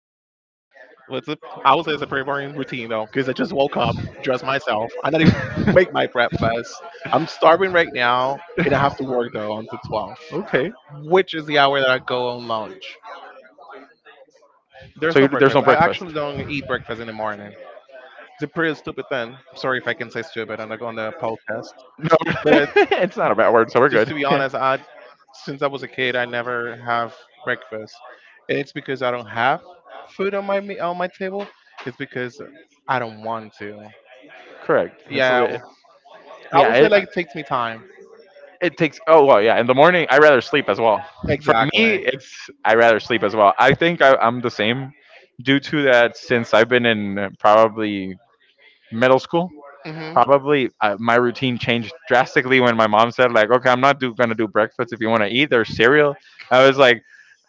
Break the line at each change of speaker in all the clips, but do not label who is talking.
I would say it's a pretty boring routine though, because I just woke up, dressed myself. I not even make my breakfast. I'm starving right now, and I have to
Okay.
work though until 12, which is the hour that I go on lunch.
So you, there's no breakfast.
There's no breakfast. I actually don't eat breakfast in the morning. It's a pretty stupid thing. Sorry if I can say stupid on the
No,
podcast,
it's not a bad
but
word, so we're good. Yeah.
just to be honest, I since I was a kid, I never have breakfast, and it's because I don't have food on on my table. It's because I don't want to.
Correct.
Yeah,
Yeah.
I
It,
would
uh,
say like it takes me time.
it takes. Oh well, yeah. In the morning, I rather sleep as well. For me,
Exactly.
it's I rather sleep as well. I'm the same due to that since I've been in probably middle school.
Mhm.
Probably my routine changed drastically when my mom said like, okay, I'm not gonna do breakfast if you want to eat or cereal. I was like,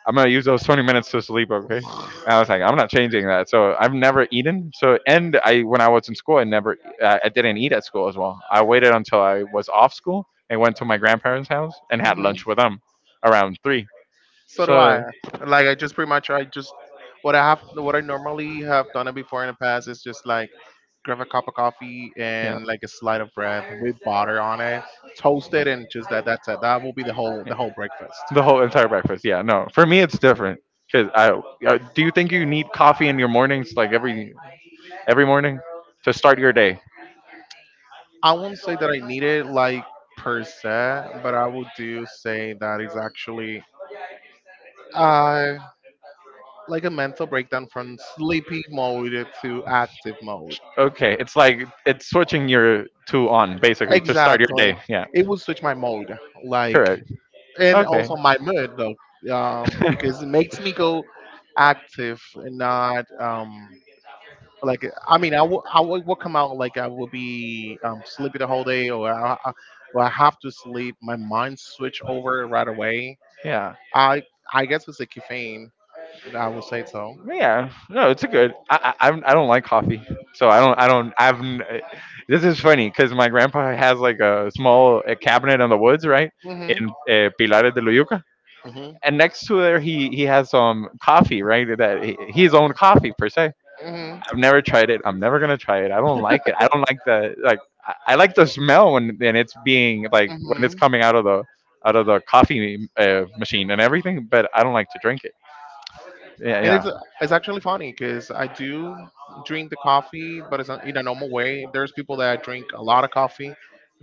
I'm gonna use those 20 minutes to sleep, okay? And I was like, I'm not changing that, so I've never eaten. So and I, when I was in school, I never I didn't eat at school as well. I waited until I was off school and went to my grandparents house and had
Mhm.
lunch with them around three.
So do I.
So
Like I just pretty much I just what I have what I normally have done it before in the past is just like grab a cup of coffee
yeah,
and like a slice of bread with butter on it, toasted, and just that. That's it. That will be the whole
yeah.
the whole breakfast.
The whole entire breakfast, yeah. No, for me it's different because do you think you need coffee in your mornings, like every morning, to start your day?
I won't say that I need it like per se, but I would do say that it's actually uh like a mental breakdown from sleepy mode to active mode.
Okay, it's like it's switching your two on, basically, to start your
Exactly.
day. Yeah,
It will switch my mode, like,
correct.
and
Okay.
also my mood though, because it makes me go active and not. Like I mean, I will come out like I will be sleepy the whole day, or I have to sleep. My mind switch over right away.
Yeah,
I I guess it's a caffeine. I will say so.
yeah. No, it's a good. I don't like coffee, so I don't I've. N- this is funny because my grandpa has like a small cabinet in the woods, right,
hmm
in Pilares de Loyuca,
hmm
and next to there he has some coffee, right, that his own coffee per se.
hmm
I've never tried it. I'm never gonna try it. I don't like it. I don't like the like. I like the smell when and it's being like when
hmm
it's coming out of the coffee machine and everything. But I don't like to drink it. Yeah,
And it's
yeah.
it's actually funny because I do drink the coffee, but it's not in a normal way. There's people that drink a lot of coffee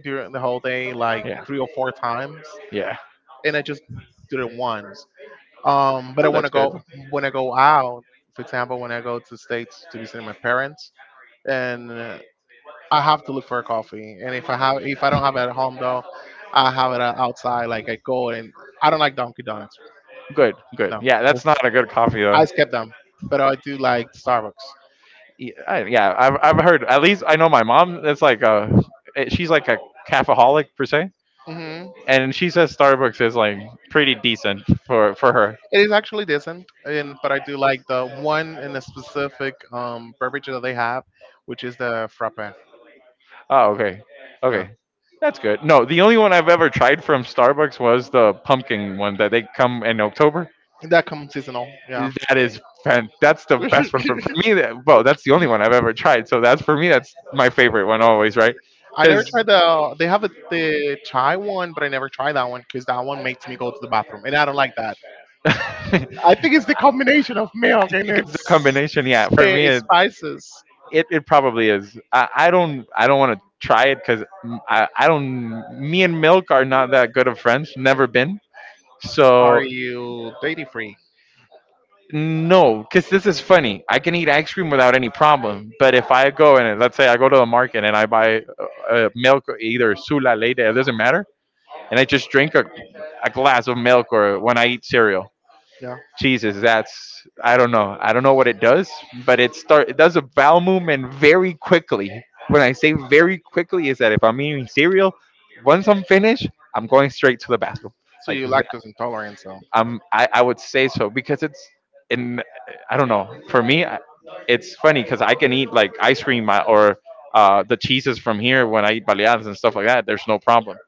during the whole day, like
Yeah.
three or four times,
Yeah.
and I just did it once. But I
Oh,
want to
that's good.
go when I go out. For example, when I go to states to visit my parents, and I have to look for a coffee. And if I don't have it at home though, I have it outside. Like I go and I don't like Dunkin' Donuts.
Good. Good.
No,
Yeah, that's not a good coffee though.
I skip them, but I do like Starbucks.
Yeah, I've heard. At least I know my mom, it's like a, she's like a cafeholic per se,
hmm
and she says Starbucks is like pretty decent for her.
It is actually decent, and but I do like the one in a specific beverage that they have, which is the frappe.
Oh, okay.
Yeah,
Okay, that's good. No, the only one I've ever tried from Starbucks was the pumpkin one that they come in October.
that comes seasonal. Yeah.
That is that's the best one for me. That, well, that's the only one I've ever tried, so that's, for me, that's my favorite one always, right?
I never tried
Because
the. They have the chai one, but I never tried that one because that one makes me go to the bathroom, and I don't like that.
it's
I think it's the combination of milk and
the combination, yeah.
it's spices.
It, it probably is. I don't, I don't want to try it, because I don't. Me and Milk are not that good of friends. Never been.
Are
So
you dairy free?
no, because this is funny. I can eat ice cream without any problem. But if I go, and let's say I go to the market and I buy milk, either Sula, Leyte, it doesn't matter, and I just drink a glass of milk, or when I eat cereal,
Yeah.
Jesus, that's, I don't know. I don't know what it does, but it does a bowel movement very quickly. When I say very quickly is that if I'm eating cereal, once I'm finished, I'm going straight to the bathroom.
So
Like
you
that,
lactose intolerant, so
I would say so, because it's in, I don't know. It's funny cuz I can eat like ice cream or the cheeses from here when I eat baleadas and stuff like that. There's no problem,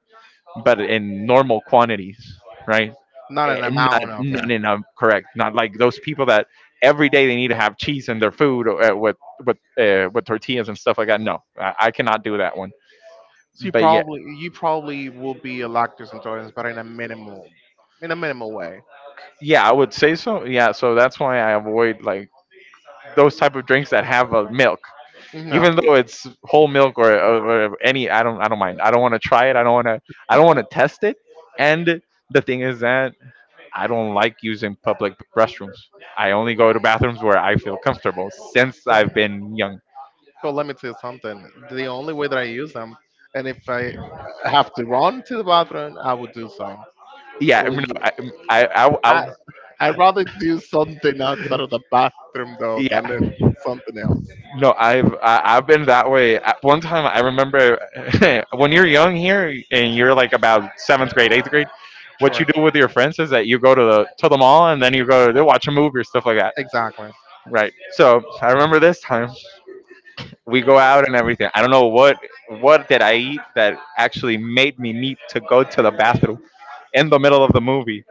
but in normal quantities, right?
not an
Eh,
amount of it.
not in a correct, not like those people that every day they need to have cheese in their food, or with tortillas and stuff like that. No, I cannot do that one.
So you
But yeah,
probably you probably will be a lactose intolerance, but in a minimal way.
yeah, I would say so. Yeah, so that's why I avoid like those type of drinks that have milk,
No.
even though it's whole milk, or any. I don't mind. I don't want to try it. I don't want to test it. And the thing is that I don't like using public restrooms. I only go to bathrooms where I feel comfortable since I've been young.
So let me tell you something. The only way that I use them, and if I have to run to the bathroom, I would do so.
Yeah, I
Well,
mean,
you-
I, I, I,
I
I
I'd rather do something outside of the bathroom though than if
yeah.
something else.
No, I've been that way. At one time, I remember when you're young here and you're like about seventh grade, eighth grade. What
Sure.
you do with your friends is that you go to the mall and then you go to watch a movie or stuff like that,
Exactly.
right? So I remember this time we go out and everything. I don't know what did I eat that actually made me need to go to the bathroom, in the middle of the movie.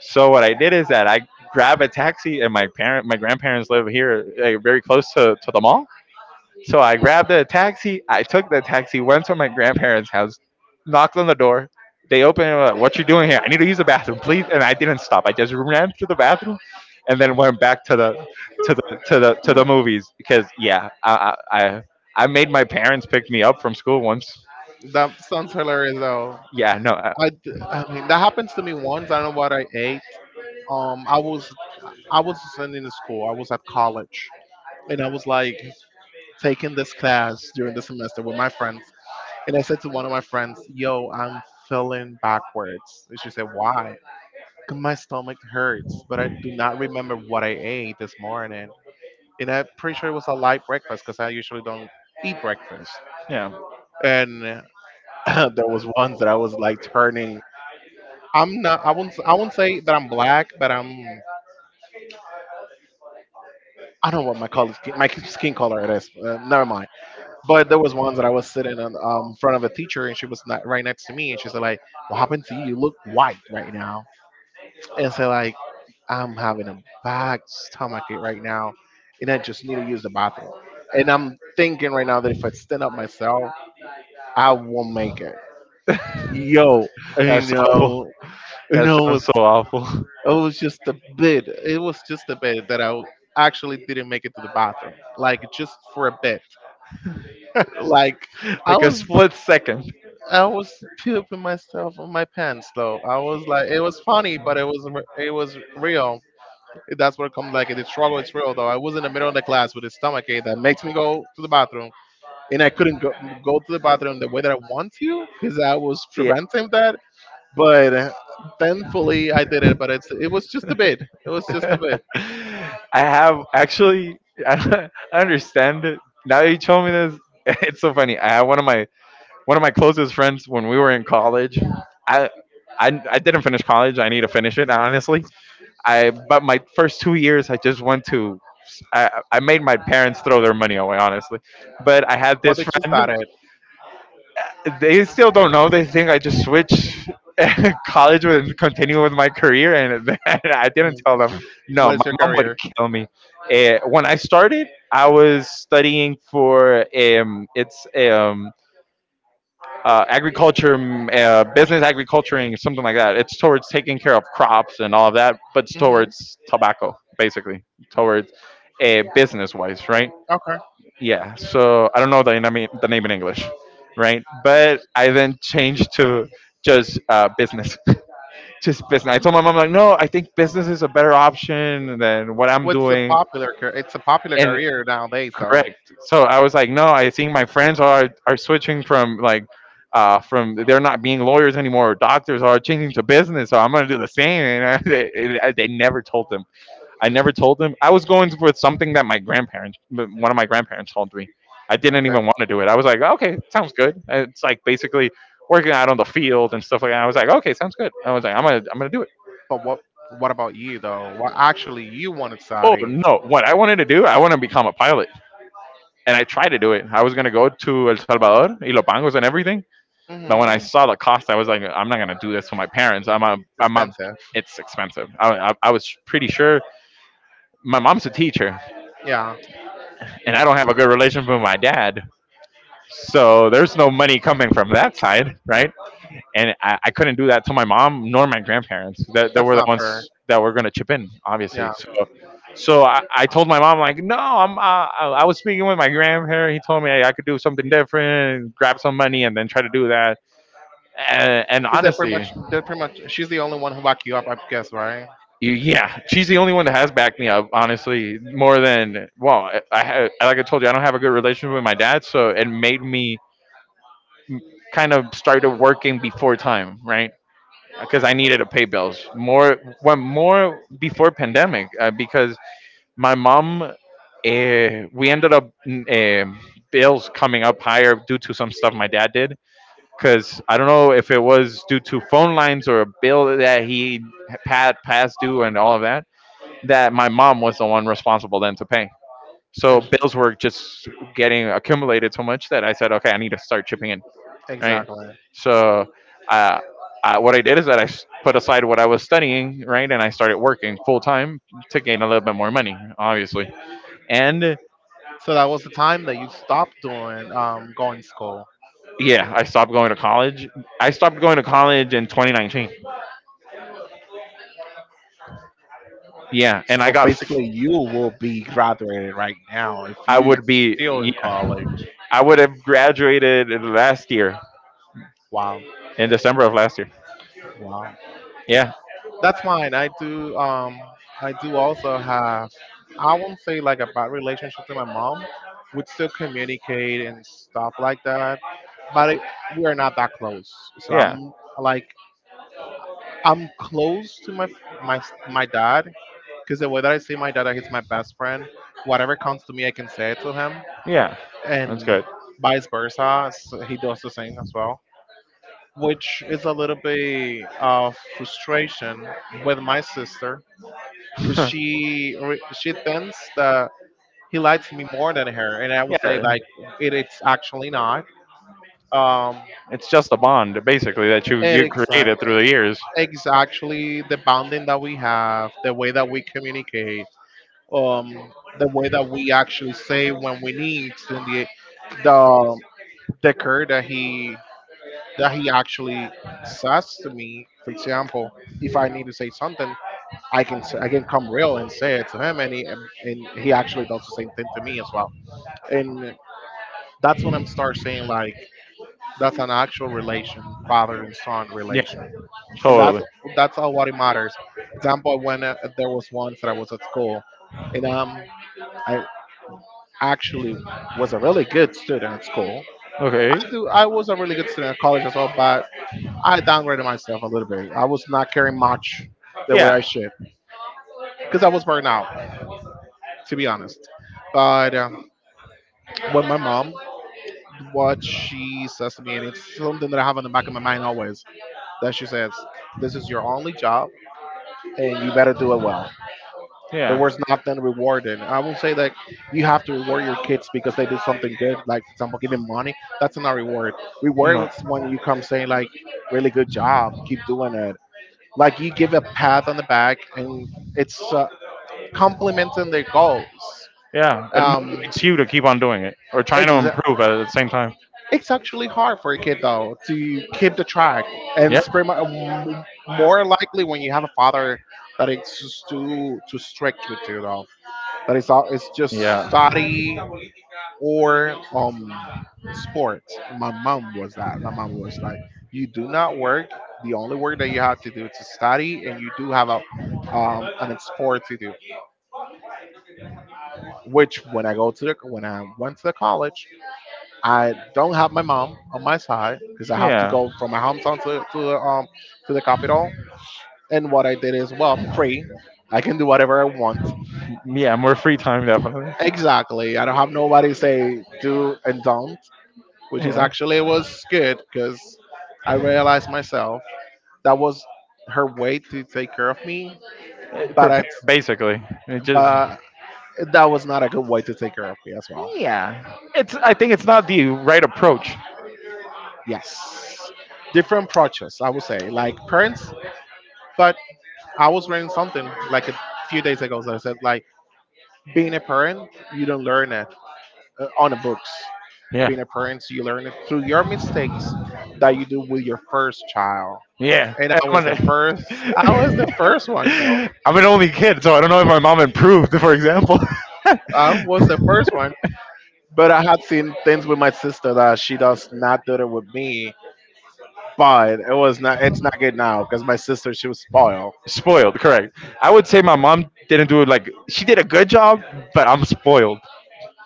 So what I did is that I grabbed a taxi, and my grandparents live here, like, very close to the mall. So I grabbed a taxi. I took the taxi, went to my grandparents' house, knocked on the door. They opened it, and were like, what you doing here? I need to use the bathroom, please. And I didn't stop. I just ran to the bathroom, and then went back to the movies. Because yeah, I made my parents pick me up from school once.
That sounds hilarious though.
Yeah, no, I,
I—I mean that happens to me once. I don't know what I ate. Um, I was I was in school. I was at college, and I was like taking this class during the semester with my friends. And I said to one of my friends, "Yo, I'm feeling backwards." And she said, "Why?" "'Cause my stomach hurts, but I do not remember what I ate this morning. And I'm pretty sure it was a light breakfast because I usually don't eat breakfast.
yeah,
And there was once that I was like turning I'm not. I won't say that I'm black, but I don't know what my my skin color it is. Never mind. But there was once that I was sitting in front of a teacher, and she was not, right next to me, and she said like, "What happened to you? You look white right now." And so like, I'm having a bad stomach right now, and I just need to use the bathroom. And I'm thinking right now that if I stand up myself, I won't make it. Yo, you
that's awful.
know, you
That
know,
sounds so awful.
it was just a bit. It was just a bit that actually didn't make it to the bathroom, like just for a bit. Like I
Like a
was,
split second.
I was pooping myself on my pants though. I was like, it was funny, but it was, it was real. That's what comes like the struggle is real though. I was in the middle of the class with a stomach ache that makes me go to the bathroom, and I couldn't go to the bathroom the way that I want to because I was
Yeah.
preventing that. But thankfully, I did it. But it was just a bit. It was just a bit.
I have actually I understand it. Now that you told me this, it's so funny. I have one of my closest friends when we were in college. I I didn't finish college. I need to finish it, honestly. I but my first 2 years I just went to, I made my parents throw their money away, honestly. But I had
But
this
they just
friend,
started.
they still don't know. They think I just switched college and continue with my career, and then I
Mm.
didn't tell them. No,
What
my
is your
mom would
career?
kill me. When I started, I was studying for it's agriculture, business agriculturing, something like that. It's towards taking care of crops and all of that, but it's
Hmm.
towards tobacco, basically, towards business wise, right?
Okay.
Yeah, so I don't know the name in English, right? But I then changed to just business. Just business. I told my mom like, no, I think business is a better option than what I'm
What's a
doing.
popular? Car- It's a popular
And
career nowadays, so
correct, so I was like, no, I think my friends are switching from like from they're not being lawyers anymore, or doctors are changing to business, so I'm going to do the same. And they never told them. I never told them. I was going with something that my grandparents, one of my grandparents, told me. I didn't
okay.
even want to do it. I was like, okay, sounds good. It's like basically working out on the field and stuff like that. I was like, okay, sounds good. I was like, I'm gonna do it.
But what about you though? What actually you want to
Oh
study?
no, what I wanted to do, I want to become a pilot, and I tried to do it. I was gonna go to El Salvador, Ilopangos, and everything.
Hmm.
But when I
It's
saw the cost, I was like, I'm not gonna do this for my parents.
expensive.
It's expensive. I was pretty sure my mom's a teacher,
Yeah.
and I don't have a good relationship with my dad. So there's no money coming from that side, right? And I couldn't do that to my mom nor my grandparents. That they
That's
were the
not fair.
ones that were going to chip in,
Yeah,
obviously. So, so I told my mom like, no, I'm. I was speaking with my grandparent. He told me I could do something different, grab some money, and then try to do that. And
because that pretty
honestly,
much that pretty much she's the only one who locked you up, I guess, right?
yeah, she's the only one that has backed me up, honestly. More than, well, I had, like I told you, I don't have a good relationship with my dad, so it made me kind of started working before time, right? Because I needed to pay bills more when more before pandemic, because my mom, we ended up uh, bills coming up higher due to some stuff my dad did because I don't know if it was due to phone lines or a bill that he had past due and all of that, that my mom was the one responsible then to pay. So
Ex-
bills were just getting accumulated so much that I said, okay, I need to start chipping in, right?
Exactly.
So, uh, I, what I did is that put aside what I was studying, right, and I started working full time to gain a little bit more money, obviously. And
So that was the time that you stopped doing going to school.
yeah, I stopped going to college. I stopped going to college in 2019. Yeah, and
So basically, you will be graduated right now if
I
you
would
still
be,
in college.
I would have graduated last year,
Wow,
in December of last year.
wow.
Yeah,
That's mine. I do also have. I won't say like a bad relationship to my mom. We still communicate and stuff like that, but we are not that close. So
yeah,
I'm like I'm close to my my dad because the way that I see my dad, he's my best friend. Whatever comes to me, I can say it to him,
yeah. That's
and
good.
vice versa. He does the same as well, which is a little bit of frustration with my sister because
Yeah,
she thinks that he likes me more than her, and I would say like it's actually not. Um,
it's just a bond basically that you
it
you
exact
created through the years.
it's actually the bonding that we have, the way that we communicate, the way that we actually say when we need and the the care that he actually says to me. For example, if I need to say something, I can come real and say it to him, and he actually does the same thing to me as well. And that's when I'm start saying like that's an actual relation, father and son
Yeah,
relation, and
totally.
that's all what it matters. Example when there was once that I was at school, and. I. actually was a really good student at school.
Okay.
I do. I was a really good student at college as well, but I downgraded myself a little bit. I was not caring much the way I
Yeah.
should because I was burned out, to be honest. But when my mom, what she says to me, and it's something that I have in the back of my mind always, that she says, "This is your only job, and you better do it well." The
Yeah.
work's not been rewarded. I will say that you have to reward your kids because they did something good, like for example, giving money. That's not reward.
No.
Reward is when you come saying like, "Really good job, keep doing it." Like you give a pat on the back, and it's complimenting their goals.
Yeah. It
Um,
motivates you to keep on doing it or trying to
exa-
improve at the same time.
it's actually hard for a kid though to keep the track, and
Yeah.
it's pretty much more likely when you have a father that it's just too strict with you though. That it's all it's just
Yeah.
study or sports. My mom was that. My mom was like, you do not work. The only work that you have to do is to study, and you do have a an sport to do. Which when I go to the when I went to the college, I don't have my mom on my side because I have to
Yeah,
go from my hometown to to the to the capital. And what I did is, well, I'm free. I can do whatever I want.
yeah, more free time definitely.
Exactly. I don't have nobody say do and don't, which is
Yeah,
actually was good because I realized myself that was her way to take care of me, but
Basically, it just,
but that was not a good way to take care of me as well.
yeah, it's I think it's not the right approach.
Yes, different approaches I would say, like parents. But I was reading something like a few days ago that said like being a parent you don't learn it on the books.
Yeah,
Being a parent you learn it through your mistakes that you do with your first child.
yeah.
And
I'm
I was the
gonna-
first. I was the first one though.
I'm an only kid, so I don't know if my mom improved. For example,
I was the first one, but I had seen things with my sister that she does not do it with me. But it was not. It's not good now because my sister she was spoiled.
spoiled. Correct. I would say my mom didn't do it like she did a good job, but I'm spoiled.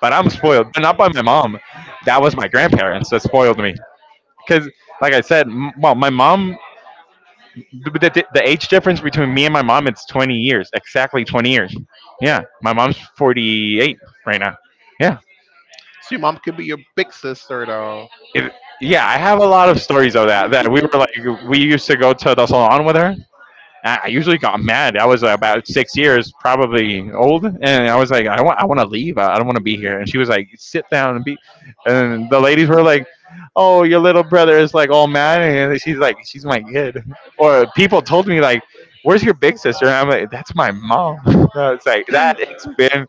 But I'm spoiled, but not by my mom. That was my grandparents that spoiled me. Because, like I said, well, my mom, the age difference between me and my mom, it's 20 years, exactly 20 years. Yeah, my mom's 48 right now. Yeah.
So your mom could be your big sister though.
It, yeah, I have a lot of stories of that. That we were like, we used to go to the salon with her, I usually got mad. I was like, about 6 years, probably old, and I was like, I want to leave. I don't want to be here. And she was like, sit down and be. And the ladies were like, oh, your little brother is like all mad, and she's like, she's my kid. Or people told me like, where's your big sister? And I'm like, that's my mom. No, it's like that. It's been.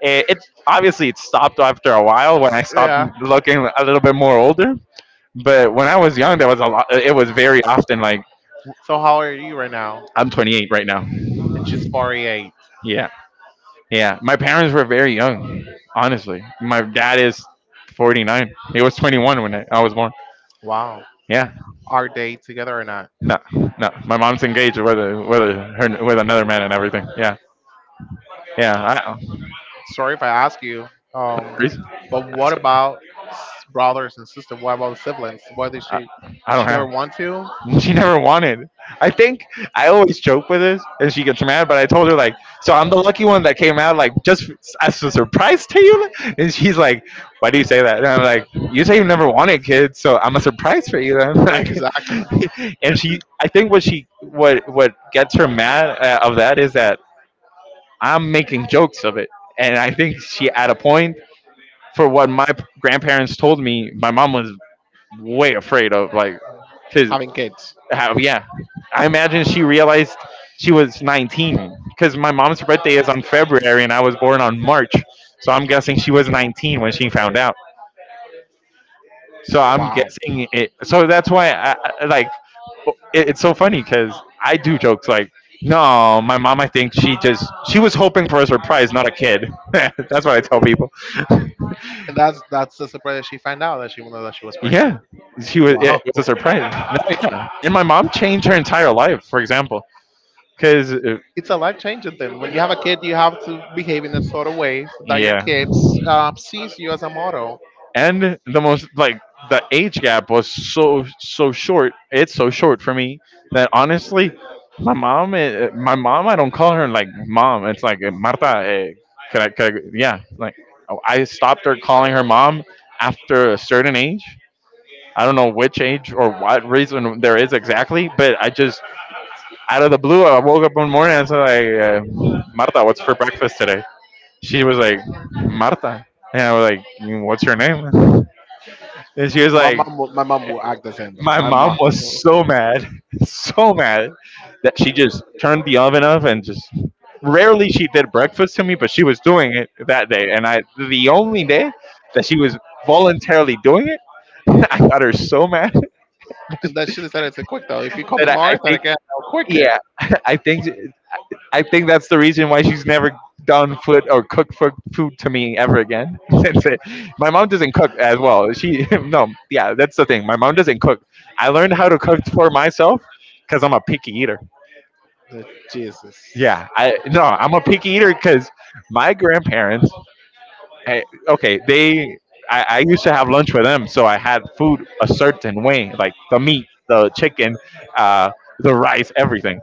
It's obviously it stopped after a while when I stopped
Yeah.
looking a little bit more older. But when I was young, there was a lot. It was very often like
So how old are you right now?
I'm 28 right now.
And she's 48.
Yeah. Yeah, my parents were very young, honestly. My dad is 49. He was 21 when I was born.
Wow.
Yeah,
Are they together or not?
no, no. My mom's engaged with her, with another man and everything. Yeah, yeah. I,
Sorry if I ask you. Um,
Reese?
but what about brothers and sisters? What about siblings? What did
I,
she?
I don't
She never
have.
want to.
She never wanted. I think I always joke with this, and she gets mad. But I told her like, so I'm the lucky one that came out like just as a surprise to you. And she's like, why do you say that? And I'm like, you say you never wanted kids, so I'm a surprise for you. And I'm like,
Exactly.
and I think what gets her mad of that is that I'm making jokes of it, and I think she at a point, for what my grandparents told me, my mom was way afraid of like because
Having kids.
how, yeah, I imagine she realized she was 19 because my mom's birthday is on February and I was born on March. So I'm guessing she was 19 when she found out. So I'm
Wow.
guessing it. So that's why like, it's so funny because I do jokes like, no, my mom, I think she was hoping for a surprise, not a kid. That's what I tell people.
And that's the surprise that she found out that she was pregnant.
Yeah, she was. It
Wow.
was a surprise. No, yeah. And my mom changed her entire life, for example, because
It's a life changing thing. When you have a kid, you have to behave in a sort of way so that your
yeah,
kids sees you as a model.
and the most like the age gap was so short, it's so short for me that honestly my mom my mom I don't call her like mom, it's like Marta, yeah, like I stopped her calling her mom after a certain age. I don't know which age or what reason there is exactly, but I just out of the blue I woke up one morning and said like, Marta, what's for breakfast today? She was like, Marta? And I was like, "Mm, what's your name?" And she was
My
like,
mom, will, my mom will act the same though.
my mom was so mad, so mad that she just turned the oven off and just rarely she did breakfast to me, but she was doing it that day. And I, the only day that she was voluntarily doing it, I got her so mad.
And then she decided to quit though. If you call
that
me
I
Martha
think,
again, I'll quit
yeah, I think that's the reason why she's never done food or cooked for food to me ever again. Since it, my mom
it.
doesn't cook as well. She no, yeah, that's the thing. My mom doesn't cook. I learned how to cook for myself because I'm a picky eater.
Uh, Jesus.
Yeah, I no, I'm a picky eater because my grandparents, hey, okay, they. I used to have lunch with them, so I had food a certain way, like the meat, the chicken, uh, the rice, everything.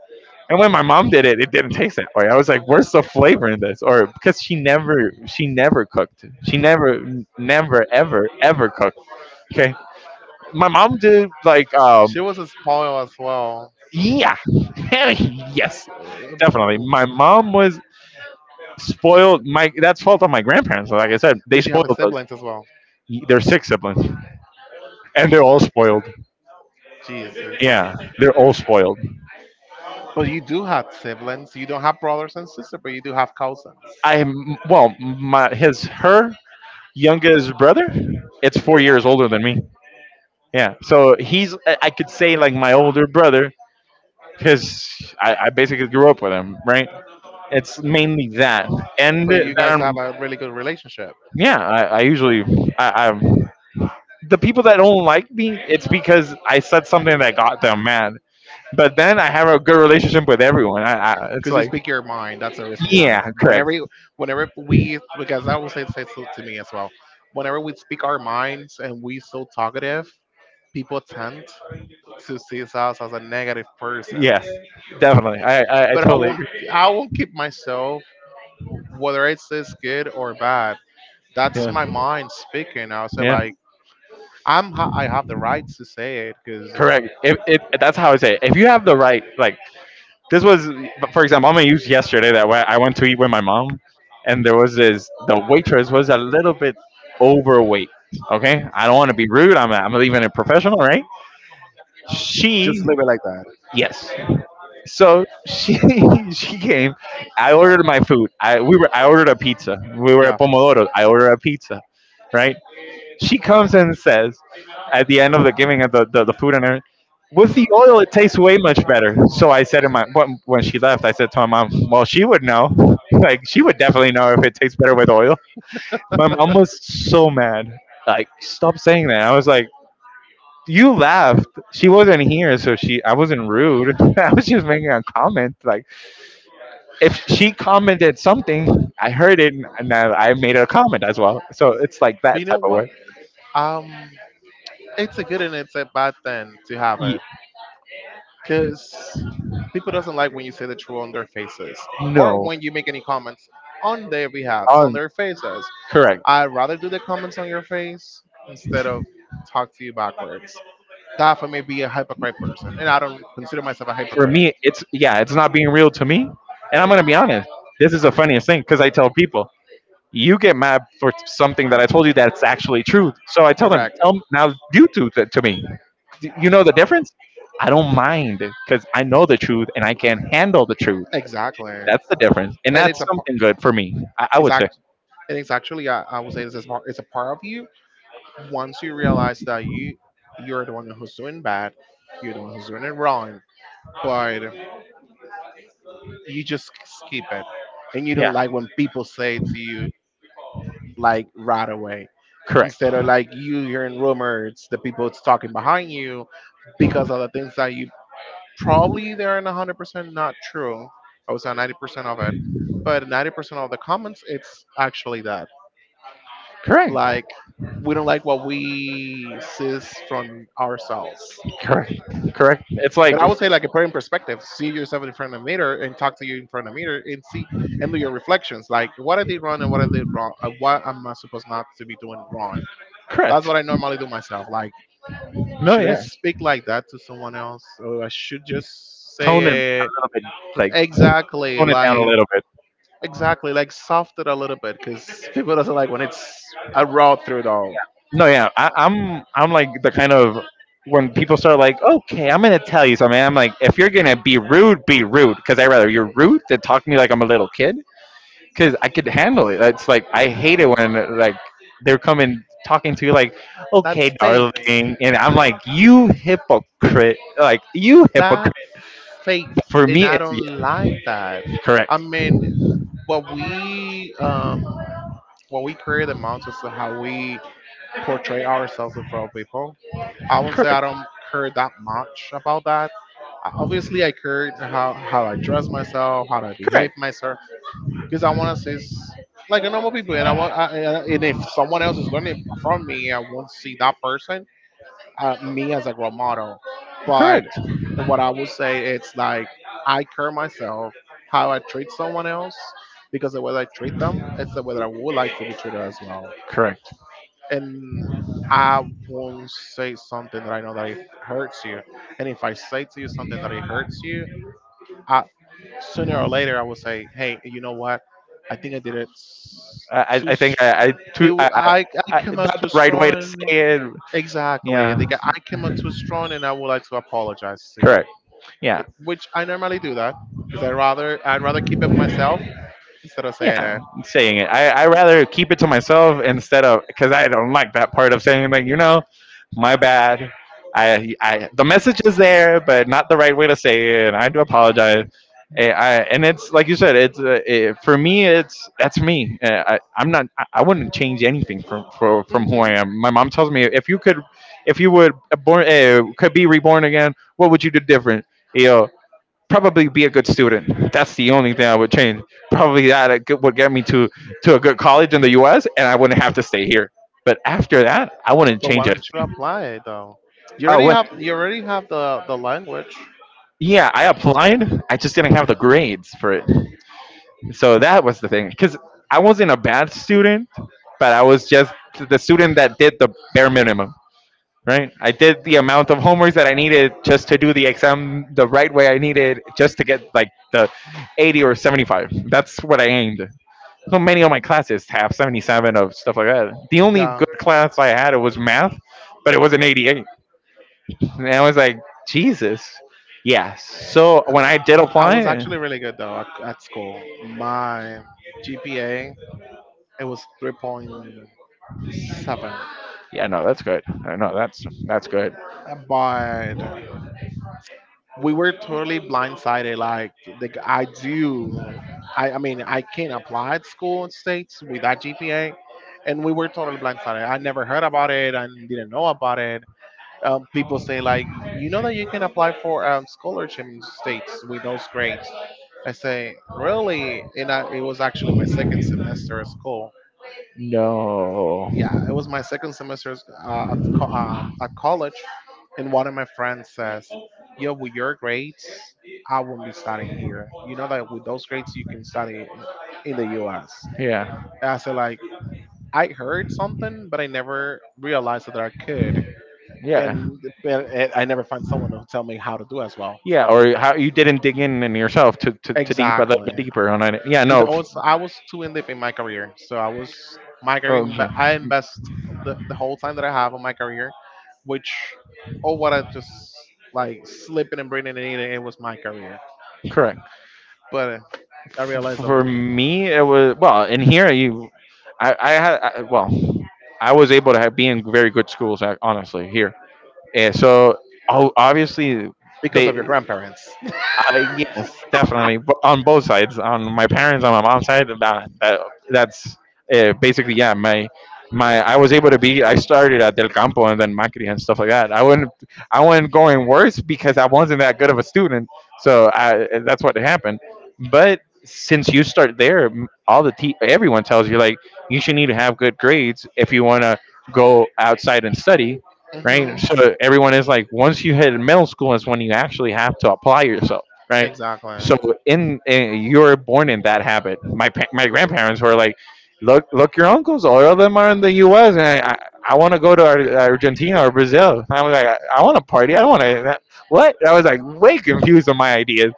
And when my mom did it, it didn't taste that way. I was like, "Where's the flavor in this?" Or because she never cooked. She never, ever cooked. Okay, my mom did like,
She was a spoiled as well.
yeah, yes,
Uh,
definitely. My mom was spoiled. My that's fault on my grandparents. Like I said, they
Did she
spoiled
have
us.
siblings as well?
They're six siblings, and they're all spoiled.
Jesus.
Yeah, they're all spoiled.
But you do have siblings. You don't have brothers and sisters, but you do have cousins.
I'm well, my his her youngest brother. It's 4 years older than me. Yeah, so he's I could say like my older brother because I basically grew up with him. Right. It's mainly that, and
But
that
you guys
I'm
have a really good relationship
yeah. I usually I'm the people that don't like me. It's because I said something that got them mad. But then I have a good relationship with everyone. It's
because you
like,
speak your mind. That's the reason why.
yeah, correct.
Whenever we, because that was said so to me as well. Whenever we speak our minds and we so talkative, people tend to see us as a negative person.
Yeah. Definitely, I
But I
totally
won't.
agree.
I won't keep myself, whether it's this good or bad. That's
Yeah,
my mind speaking. I'll say
yeah,
like, I have the right to say it because
correct. If it, that's how I say. It. If you have the right, like this was, for example, I'm gonna use yesterday, that way I went to eat with my mom, and there was this the waitress was a little bit overweight. Okay, I don't want to be rude. I'm even a professional, right?
just
She
leave it like that.
yes. So she she came. I ordered my food. I ordered a pizza. We were at
Yeah,
Pomodoro. I ordered a pizza, right? She comes and says at the end of the giving of the food and everything, with the oil, it tastes way much better. So I said to my when she left, I said to my mom, "Well, she would know. Like she would definitely know if it tastes better with oil." My mom was so mad. Like, stop saying that. I was like, "You laughed. She wasn't here, so she. I wasn't rude." I was just making a comment. Like, if she commented something, I heard it, and I made a comment as well. So it's like
but
that
you know
type of
what?
way.
Um, it's a good and it's a bad thing to have
Ye-
it, cause people doesn't like when you say the truth on their faces, or
no,
when you make any comments on their behalves,
oh,
on their faces.
correct.
I'd rather do the comments on your face instead of talk to you backwards. That for me be a hypocrite person, and I don't consider myself a
For
hypocrite.
me, it's yeah, it's not being real to me. And I'm gonna be honest. This is the funniest thing because I tell people you get mad for something that I told you that's actually true. So I tell them,
Correct.
tell now you two to me. D- You know the difference? I don't mind because I know the truth and I can handle the truth.
Exactly.
That's the difference, and
And
that's
it's
something good for me. I
it's
would say,
act and it's actually I would say it's a part of you, once you realize that you you're the one who's doing bad, you're the one who's doing it wrong, but you just skip it, and you
yeah,
don't like when people say to you like right away
correct,
instead of like you hearing rumors, the people it's talking behind you because of the things that you probably they aren't 100% not true. I would say 90% of it, but 90% of the comments it's actually that
correct,
like we don't like what we see from ourselves.
correct, correct. It's
But
like
I would say like a put it in perspective, see yourself in front of the mirror and talk to you in front of the mirror and see and do your reflections. Like what I did wrong and what I did wrong and what am I supposed not to be doing wrong. That's
correct.
what I normally do myself. Like
No,
should I
yeah,
speak like that to someone else? Or I should just
tone it a
say it
little bit, like
exactly
tone it down a
like
little.
exactly like soft it a little bit because people doesn't like when it's a raw through though.
No, yeah, I, I'm like the kind of when people start like, okay, I'm gonna tell you something. I'm like, if you're gonna be rude, because I rather you're rude than talk to me like I'm a little kid, because I could handle it. It's like I hate it when like they're coming talking to you like,
That's
okay,
fake.
darling, and I'm like, you hypocrite, like you
That's
hypocrite.
fake,
For
and
me,
I
it's yeah,
don't like that. I
correct,
mean, what we um what we create amounts is to how we portray ourselves in front of people. I won't say I
correct,
don't care that much about that. Obviously, I care how I dress myself, how I behave
correct,
myself, because I want to see like a normal people, and I want I- and if someone else is learning from me, I won't see that person me as a role model. But
correct,
what I would say it's like I care myself how I treat someone else because the way I treat them, it's the way that I would like to be treated as well.
correct.
And I won't say something that I know that it hurts you. And if I say to you something that it hurts you, I, sooner or later I will say, hey, you know what? I think I did it too.
I think I,
It,
too,
w- I I
I,
came out
not the
too
right way to
strong.
say it.
Exactly.
Yeah,
They get, I came up too strong, and I would like to apologize to you,
correct. Yeah.
which I normally do that because I'd rather keep it myself instead of saying
Yeah,
it.
saying it, I rather keep it to myself instead of, because I don't like that part of saying, like, you know, my bad. I The message is there, but not the right way to say it, and I do apologize. And it's like you said, for me, it's that's me. Eh, I, I'm not I I wouldn't change anything from who I
Hmm.
am. My mom tells me, if you could, if you would, born, could be reborn again, what would you do different? You know, probably be a good student. That's the only thing I would change. Probably that it would get me to a good college in the U.S., and I wouldn't have to stay here. But after that, I wouldn't
But why
change it.
don't you apply it though? You
Oh,
already
when
have you already have the language.
Yeah, I applied. I just didn't have the grades for it. So that was the thing. Because I wasn't a bad student, but I was just the student that did the bare minimum. Right? I did the amount of homework that I needed just to do the exam the right way I needed, just to get like the 80 or 75. That's what I aimed. So many of my classes have 77 of stuff like that. The only
Yeah.
good class I had, it was math, but it was an 88. And I was like, Jesus. Yes. So when I did
I was
apply...
actually really good though at school. My GPA it was 3.7.
Yeah, no, that's good. I know that's good.
But we were totally blindsided. Like the, g- I do, I mean I can apply at school in states with that GPA, and we were totally blindsided. I never heard about it. I didn't know about it. People saying like, you know that you can apply for scholarship in states with those grades. I say, really? And it was actually my second semester at school.
No.
Yeah, it was my second semester at college, and one of my friends says, "Yo, with your grades, I won't be studying here. You know that with those grades, you can study in the U.S."
Yeah.
And I said, like, I heard something, but I never realized that I could.
Yeah.
And I never find someone who tell me how to do as well.
Yeah, or how you didn't dig in yourself to deep a little
Exactly,
bit deeper on it. Yeah,
because
no,
I was I was too in deep in my career, so I was my career.
okay,
I invest the whole time that I have on my career, which oh what I just like slipping and breathing and eating. It was my career,
correct.
but I realized a
For
little
me, it was well in here. You, I, well, I was able to have, be in very good schools. Honestly, here, and so, oh, obviously,
because of your
they...
grandparents.
I, yes, definitely, on both sides. On my parents, on my mom's side, that, that's, basically, yeah. My I was able to be. I started at Del Campo and then Macri and stuff like that. I wasn't going worse because I wasn't that good of a student. So I, that's what happened. But since you start there, all the everyone tells you, like, you should need to have good grades if you want to go outside and study, right?
Mhm.
So everyone is like, once you hit middle school is when you actually have to apply yourself, right?
Exactly.
So in you're born in that habit. My grandparents were like, look, your uncles, all of them are in the U.S., and want to go to Argentina or Brazil. I was like, I want to party. I don't want to, what? I was like, way confused on my ideas.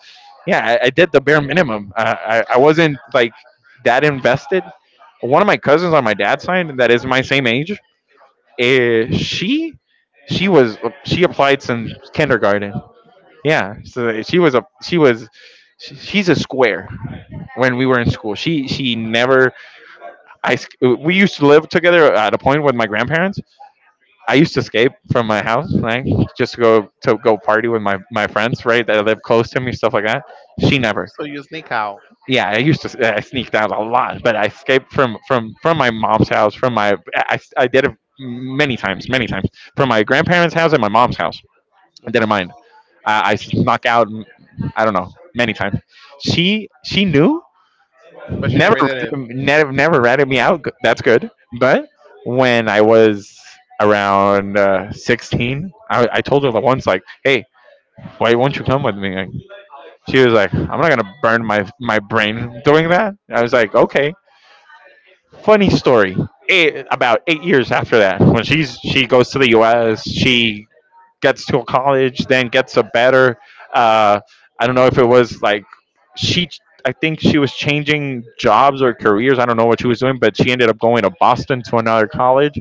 Yeah, I did the bare minimum. I wasn't like that invested. One of my cousins on my dad's side that is my same age, eh, she she was she applied since kindergarten. Yeah, so she was a she was she's a square when we were in school. She never. We used to live together at a point with my grandparents. I used to escape from my house, right? Just to go party with my friends, right? That live close to me, stuff like that. She never.
So you sneak out.
Yeah, I used to I sneaked out a lot, but I escaped from my mom's house, from my... I did it many times, many times, from my grandparents' house, and my mom's house
Okay.
didn't mind. I snuck out. I don't know many times. She knew.
But she
Never
never did it.
ratted- never never ratted me out. That's good. But when I was around 16, I told her like once, like, hey, why won't you come with me? Like, she was like, I'm not gonna burn my brain doing that. I was like, okay. Funny story. About 8 years after that, when she goes to the U.S., she gets to college, then gets a better... Uh, I don't know if it was like, she... I think she was changing jobs or careers. I don't know what she was doing, but she ended up going to Boston to another college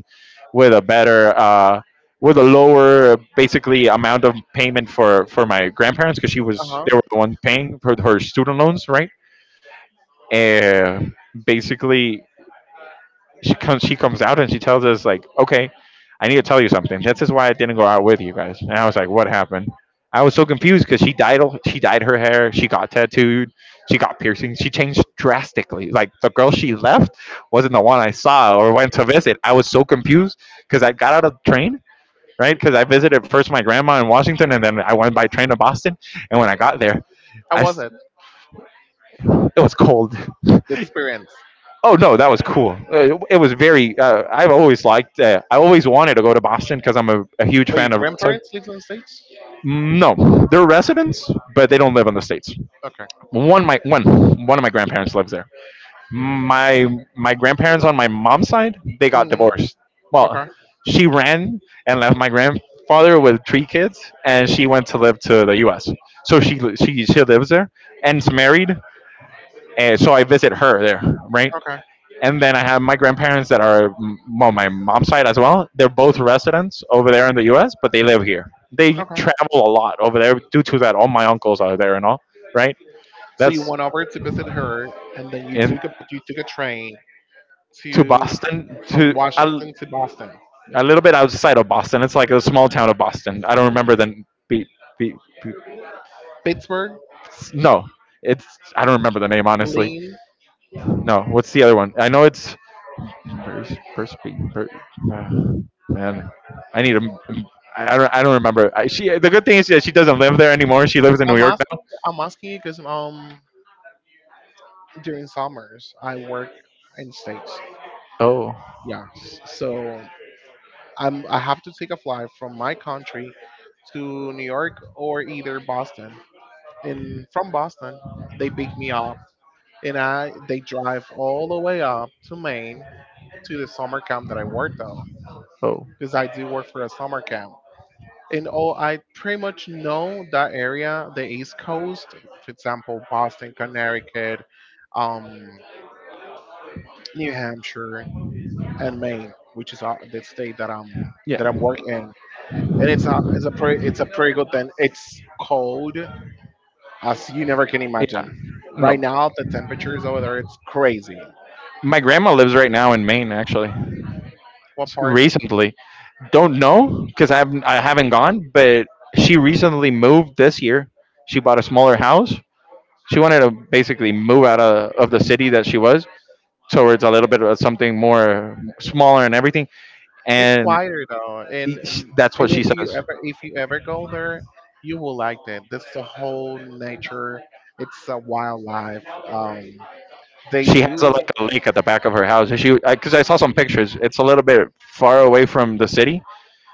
with a better, with a lower, basically, amount of payment for my grandparents, because she was
Uh huh.
they were the ones paying for her student loans, right? And basically, she comes out and she tells us, like, okay, I need to tell you something, this is why I didn't go out with you guys. And I was like, what happened? I was so confused because she dyed her hair, she got tattooed, she got piercings, she changed drastically. Like, the girl she left wasn't the one I saw or went to visit. I was so confused, because I got out of the train, right? Because I visited first my grandma in Washington, and then I went by train to Boston. And when I got there,
How
i
was
s-
it?
it was cold.
The experience.
Oh no, that was cool. It was very. I've always liked. I always wanted to go to Boston because I'm a huge
But your
fan of. So...
grandparents lives in the States?
no, they're residents, but they don't live in the states.
Okay.
One my one one of my grandparents lives there. My my grandparents on my mom's side, they got
Hmm.
divorced. Well,
Okay.
she ran and left my grandfather with three kids, and she went to live to the U.S. So she lives there and's married, and so I visit her there, right?
Okay.
And then I have my grandparents that are on my mom's side as well. They're both residents over there in the U.S., but they live here. They
Okay.
travel a lot over there due to that. All my uncles are there and all, right?
So you
That's
went over to visit her, and then you
in
took a train
to
to
Boston
from
to
Washington to Boston,
a little bit outside of Boston. It's like a small town of Boston. I don't remember the be, be, be,
Pittsburgh,
no. It's I don't remember the name, honestly.
Lean.
No, what's the other one? I know it's Pers- perspe- per- uh, man, I need ai do not, I don't. I don't remember. I, she... The good thing is that she doesn't live there anymore. She lives in New
I'm
York
asking
now.
I'm asking you because during summers I work in states.
Oh.
Yeah. So I have to take a flight from my country to New York or either Boston. And from Boston, they pick me up and I they drive all the way up to Maine to the summer camp that I work though,
Oh.
because I do work for a summer camp. And oh, I pretty much know that area, the East Coast, for example, Boston, Connecticut, um, New Hampshire, and Maine, which is the state that I'm
Yeah.
that I'm working in. And it's a pretty good thing. It's cold as you never can
Yeah.
imagine. Right
No.
now, the temperatures over there it's crazy.
My grandma lives right now in Maine, actually.
What part?
Recently, don't know because I haven't. I haven't gone, but she recently moved this year. She bought a smaller house. She wanted to basically move out of the city that she was, towards a little bit of something more smaller and everything.
It's
And
quieter though,
that's what
and
she says.
if you ever go there, you will like that. This the whole nature. It's a wildlife. They
She has
do.
like a lake at the back of her house. And she, because I saw some pictures, it's a little bit far away from the city,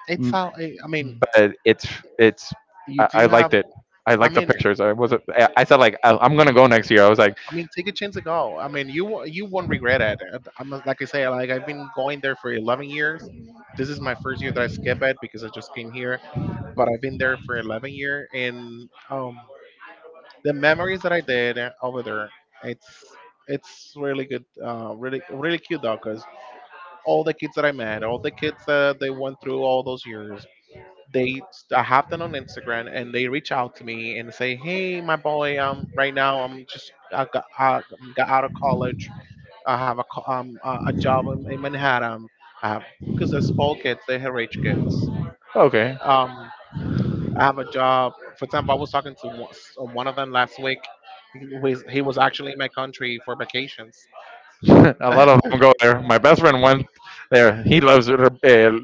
It's
m-
how I mean.
but it's...
You do
I
have.
liked it. I
I
liked the
mean,
pictures. I said, like, I'm gonna go next year. I was like,
take a chance to go. I mean, you won't regret it. And I'm like I say, like I've been going there for 11 years. This is my first year that I skip it because I just came here, but I've been there for 11 years, and the memories that I did over there, it's it's really good, really really cute though, because all the kids that I met, all the kids that they went through all those years, they I have them on Instagram and they reach out to me and say, "Hey, my boy, right now I got out of college. I have a co- a job in Manhattan. I have because there's poor kids, they're rich kids.
okay.
Um, I have a job. For example, I was talking to one of them last week. He was actually in my country for vacations."
A lot of them go there. My best friend went there. He loves it.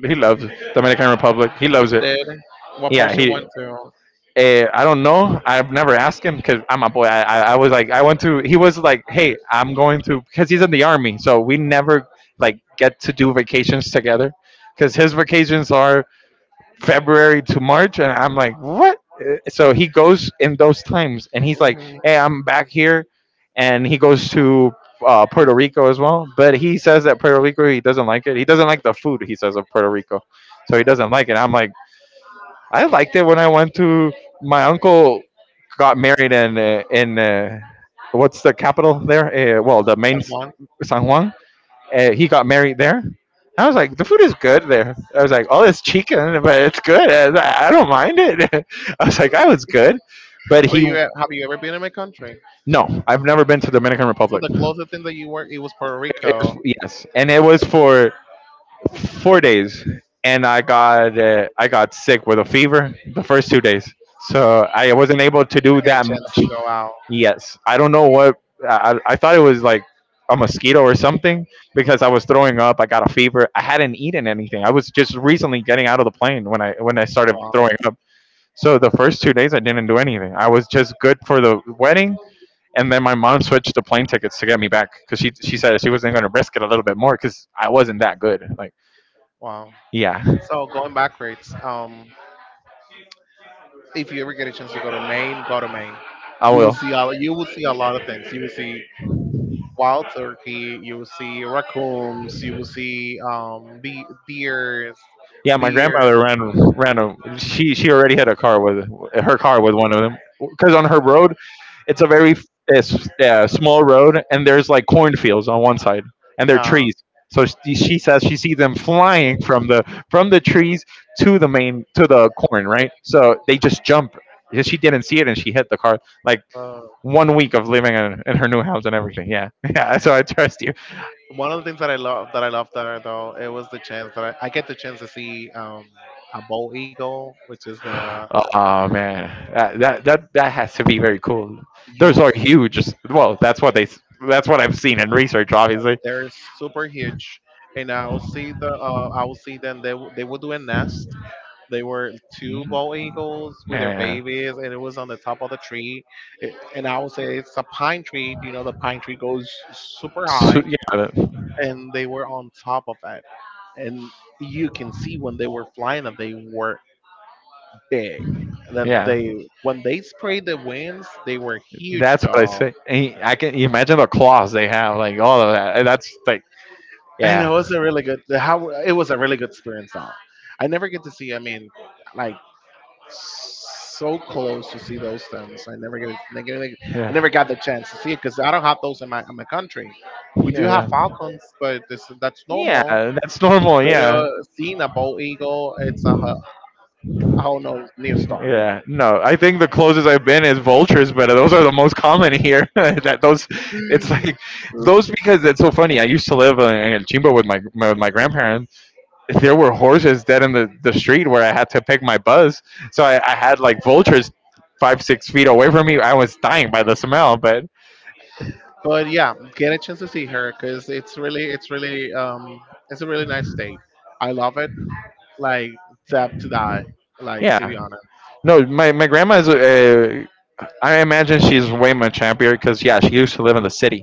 He loves Dominican Republic. He loves it.
Did what part
Yeah,
she went to?
I don't know. I've never asked him because I'm a boy. I was like, I went to... He was like, hey, I'm going to, because he's in the army, so we never like get to do vacations together, because his vacations are February to March, and I'm like, what? So he goes in those times, and he's like,
Mhm,
hey, I'm back here, and he goes to... Puerto Rico as well, but he says that Puerto Rico, he doesn't like it. He doesn't like the food. He says of Puerto Rico, so he doesn't like it. I'm like, I liked it when I went to... my uncle got married in what's the capital there? Well, the
that one.
San Juan. He got married there. I was like, the food is good there. I was like, oh, it's chicken, but it's good. Was like, I don't mind it. I was like, oh, was good. But
But
he,
you have you ever been in my country?
no, I've never been to Dominican
So
Republic.
the closest thing that you were, it was Puerto Rico.
Yes, and it was for 4 days, and I got sick with a fever the first 2 days, so I wasn't able to do
I get
that
a chance
much.
to go out.
Yes, I don't know what, I thought it was like a mosquito or something because I was throwing up. I got a fever. I hadn't eaten anything. I was just recently getting out of the plane when I started
Wow.
throwing up. So the first 2 days I didn't do anything. I was just good for the wedding. And then my mom switched the plane tickets to get me back, because she said she wasn't going to risk it a little bit more because I wasn't that good. Like,
Wow.
yeah.
So going backwards, if you ever get a chance to go to Maine, go to Maine.
I will.
You will see a lot of things. You will see wild turkey. You will see raccoons. You will see bears,
Yeah, my
beer.
grandmother ran she already hit a car with her car with one of them, because on her road, it's a very small road, and there's like cornfields on one side and there are
Uh,
trees. So she says she sees them flying from the trees to the main to the corn, right? So they just jump. Yeah, she didn't see it and she hit the car. Like,
uh,
one week of living in her new house and everything. Yeah, yeah. So I trust you.
One of the things that I love there though it was the chance that I get the chance to see a bald eagle, which is the.
Oh man, that has to be very cool. Those
You
are huge. Well, that's what they... That's what I've seen in research, obviously.
They're super huge, and I will see them. They would do a nest. They were two
Mhm.
bald eagles with their
Man,
babies, and it was on the top of the tree. And I would say it's a pine tree. You know, the pine tree goes super high,
Yeah,
and they were on top of it. And you can see when they were flying that they were big. That
yeah.
they When they sprayed the winds, they were huge,
That's what I
dog.
say. And I, can you imagine the claws they have, like all of that? And that's like,
I
yeah,
know it was a really good. How it was a really good experience. Though I never get to see. I mean, like so close to see those things. I never get.
yeah,
I never got the chance to see it because I don't have those in my country. We do
yeah,
have
yeah.
falcons, but this that's
Yeah,
normal.
that's normal.
But
Yeah,
seeing a bald eagle, it's a whole no new story. You know?
yeah, no, I think the closest I've been is vultures, but those are the most common here. That those, it's like those because it's so funny. I used to live in El Chimbo with with my grandparents. There were horses dead in the street where I had to pick my buzz. So I had like vultures 5-6 feet away from me. I was dying by the smell, but
But yeah, get a chance to see her because it's really, it's a really nice state. I love it. Like, tap to die. Like to be
yeah,
honest.
no, my grandma's... I imagine she's way much happier because, yeah, she used to live in the city,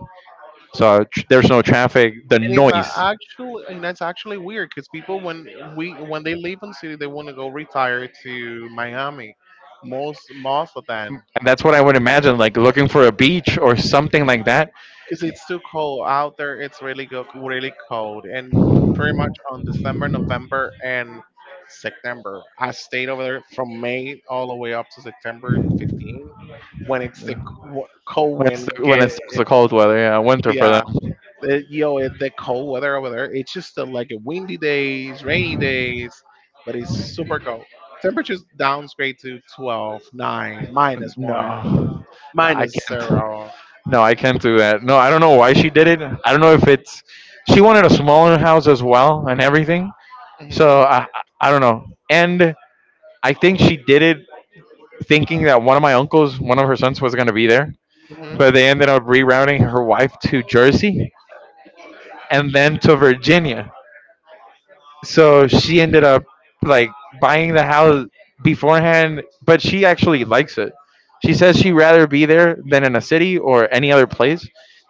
so there's no traffic. The
And it's
noise...
actually, and that's actually weird because people when they leave in city, they want to go retire to Miami. Most of them,
And that's what I would imagine, like looking for a beach or something like that.
because it's too cold out there. It's really really cold, and pretty much on December, November, and September. I stayed over there from May all the way up to September 15, when it's cold
When it's
wind
when
get
it's the cold weather, yeah, winter for them.
yeah. You know, in the cold weather over there, it's just like a windy days, rainy days, but it's super cold. Temperatures downgrade to 12, 9,
No,
minus 1,
I
minus
can't.
0.
No, I can't do that. No, I don't know why she did it. I don't know if it's, she wanted a smaller house as well and everything.
Mhm,
So I don't know. And I think she did it thinking that one of my uncles, one of her sons, was gonna be there.
mhm.
But they ended up rerouting her wife to Jersey and then to Virginia. So she ended up, like, buying the house beforehand, but she actually likes it. She says she'd rather be there than in a city or any other place,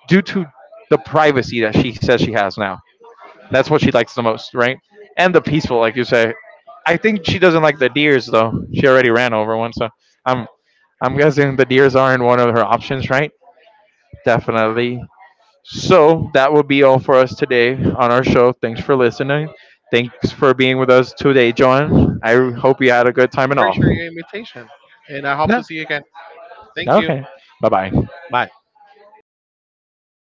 due to the privacy that she says she has now. That's what she likes the most, right? And the peaceful, like you say. I think she doesn't like the deers though. She already ran over one. So i'm I'm guessing the deers aren't one of her options, right? Definitely. So that will be all for us today on our show. Thanks for listening. Thanks for being with us today, John. I hope you had a good time and
Appreciate
all.
your invitation, and I hope
Yeah.
to see you again. Thank you.
Okay. Bye bye.
Bye.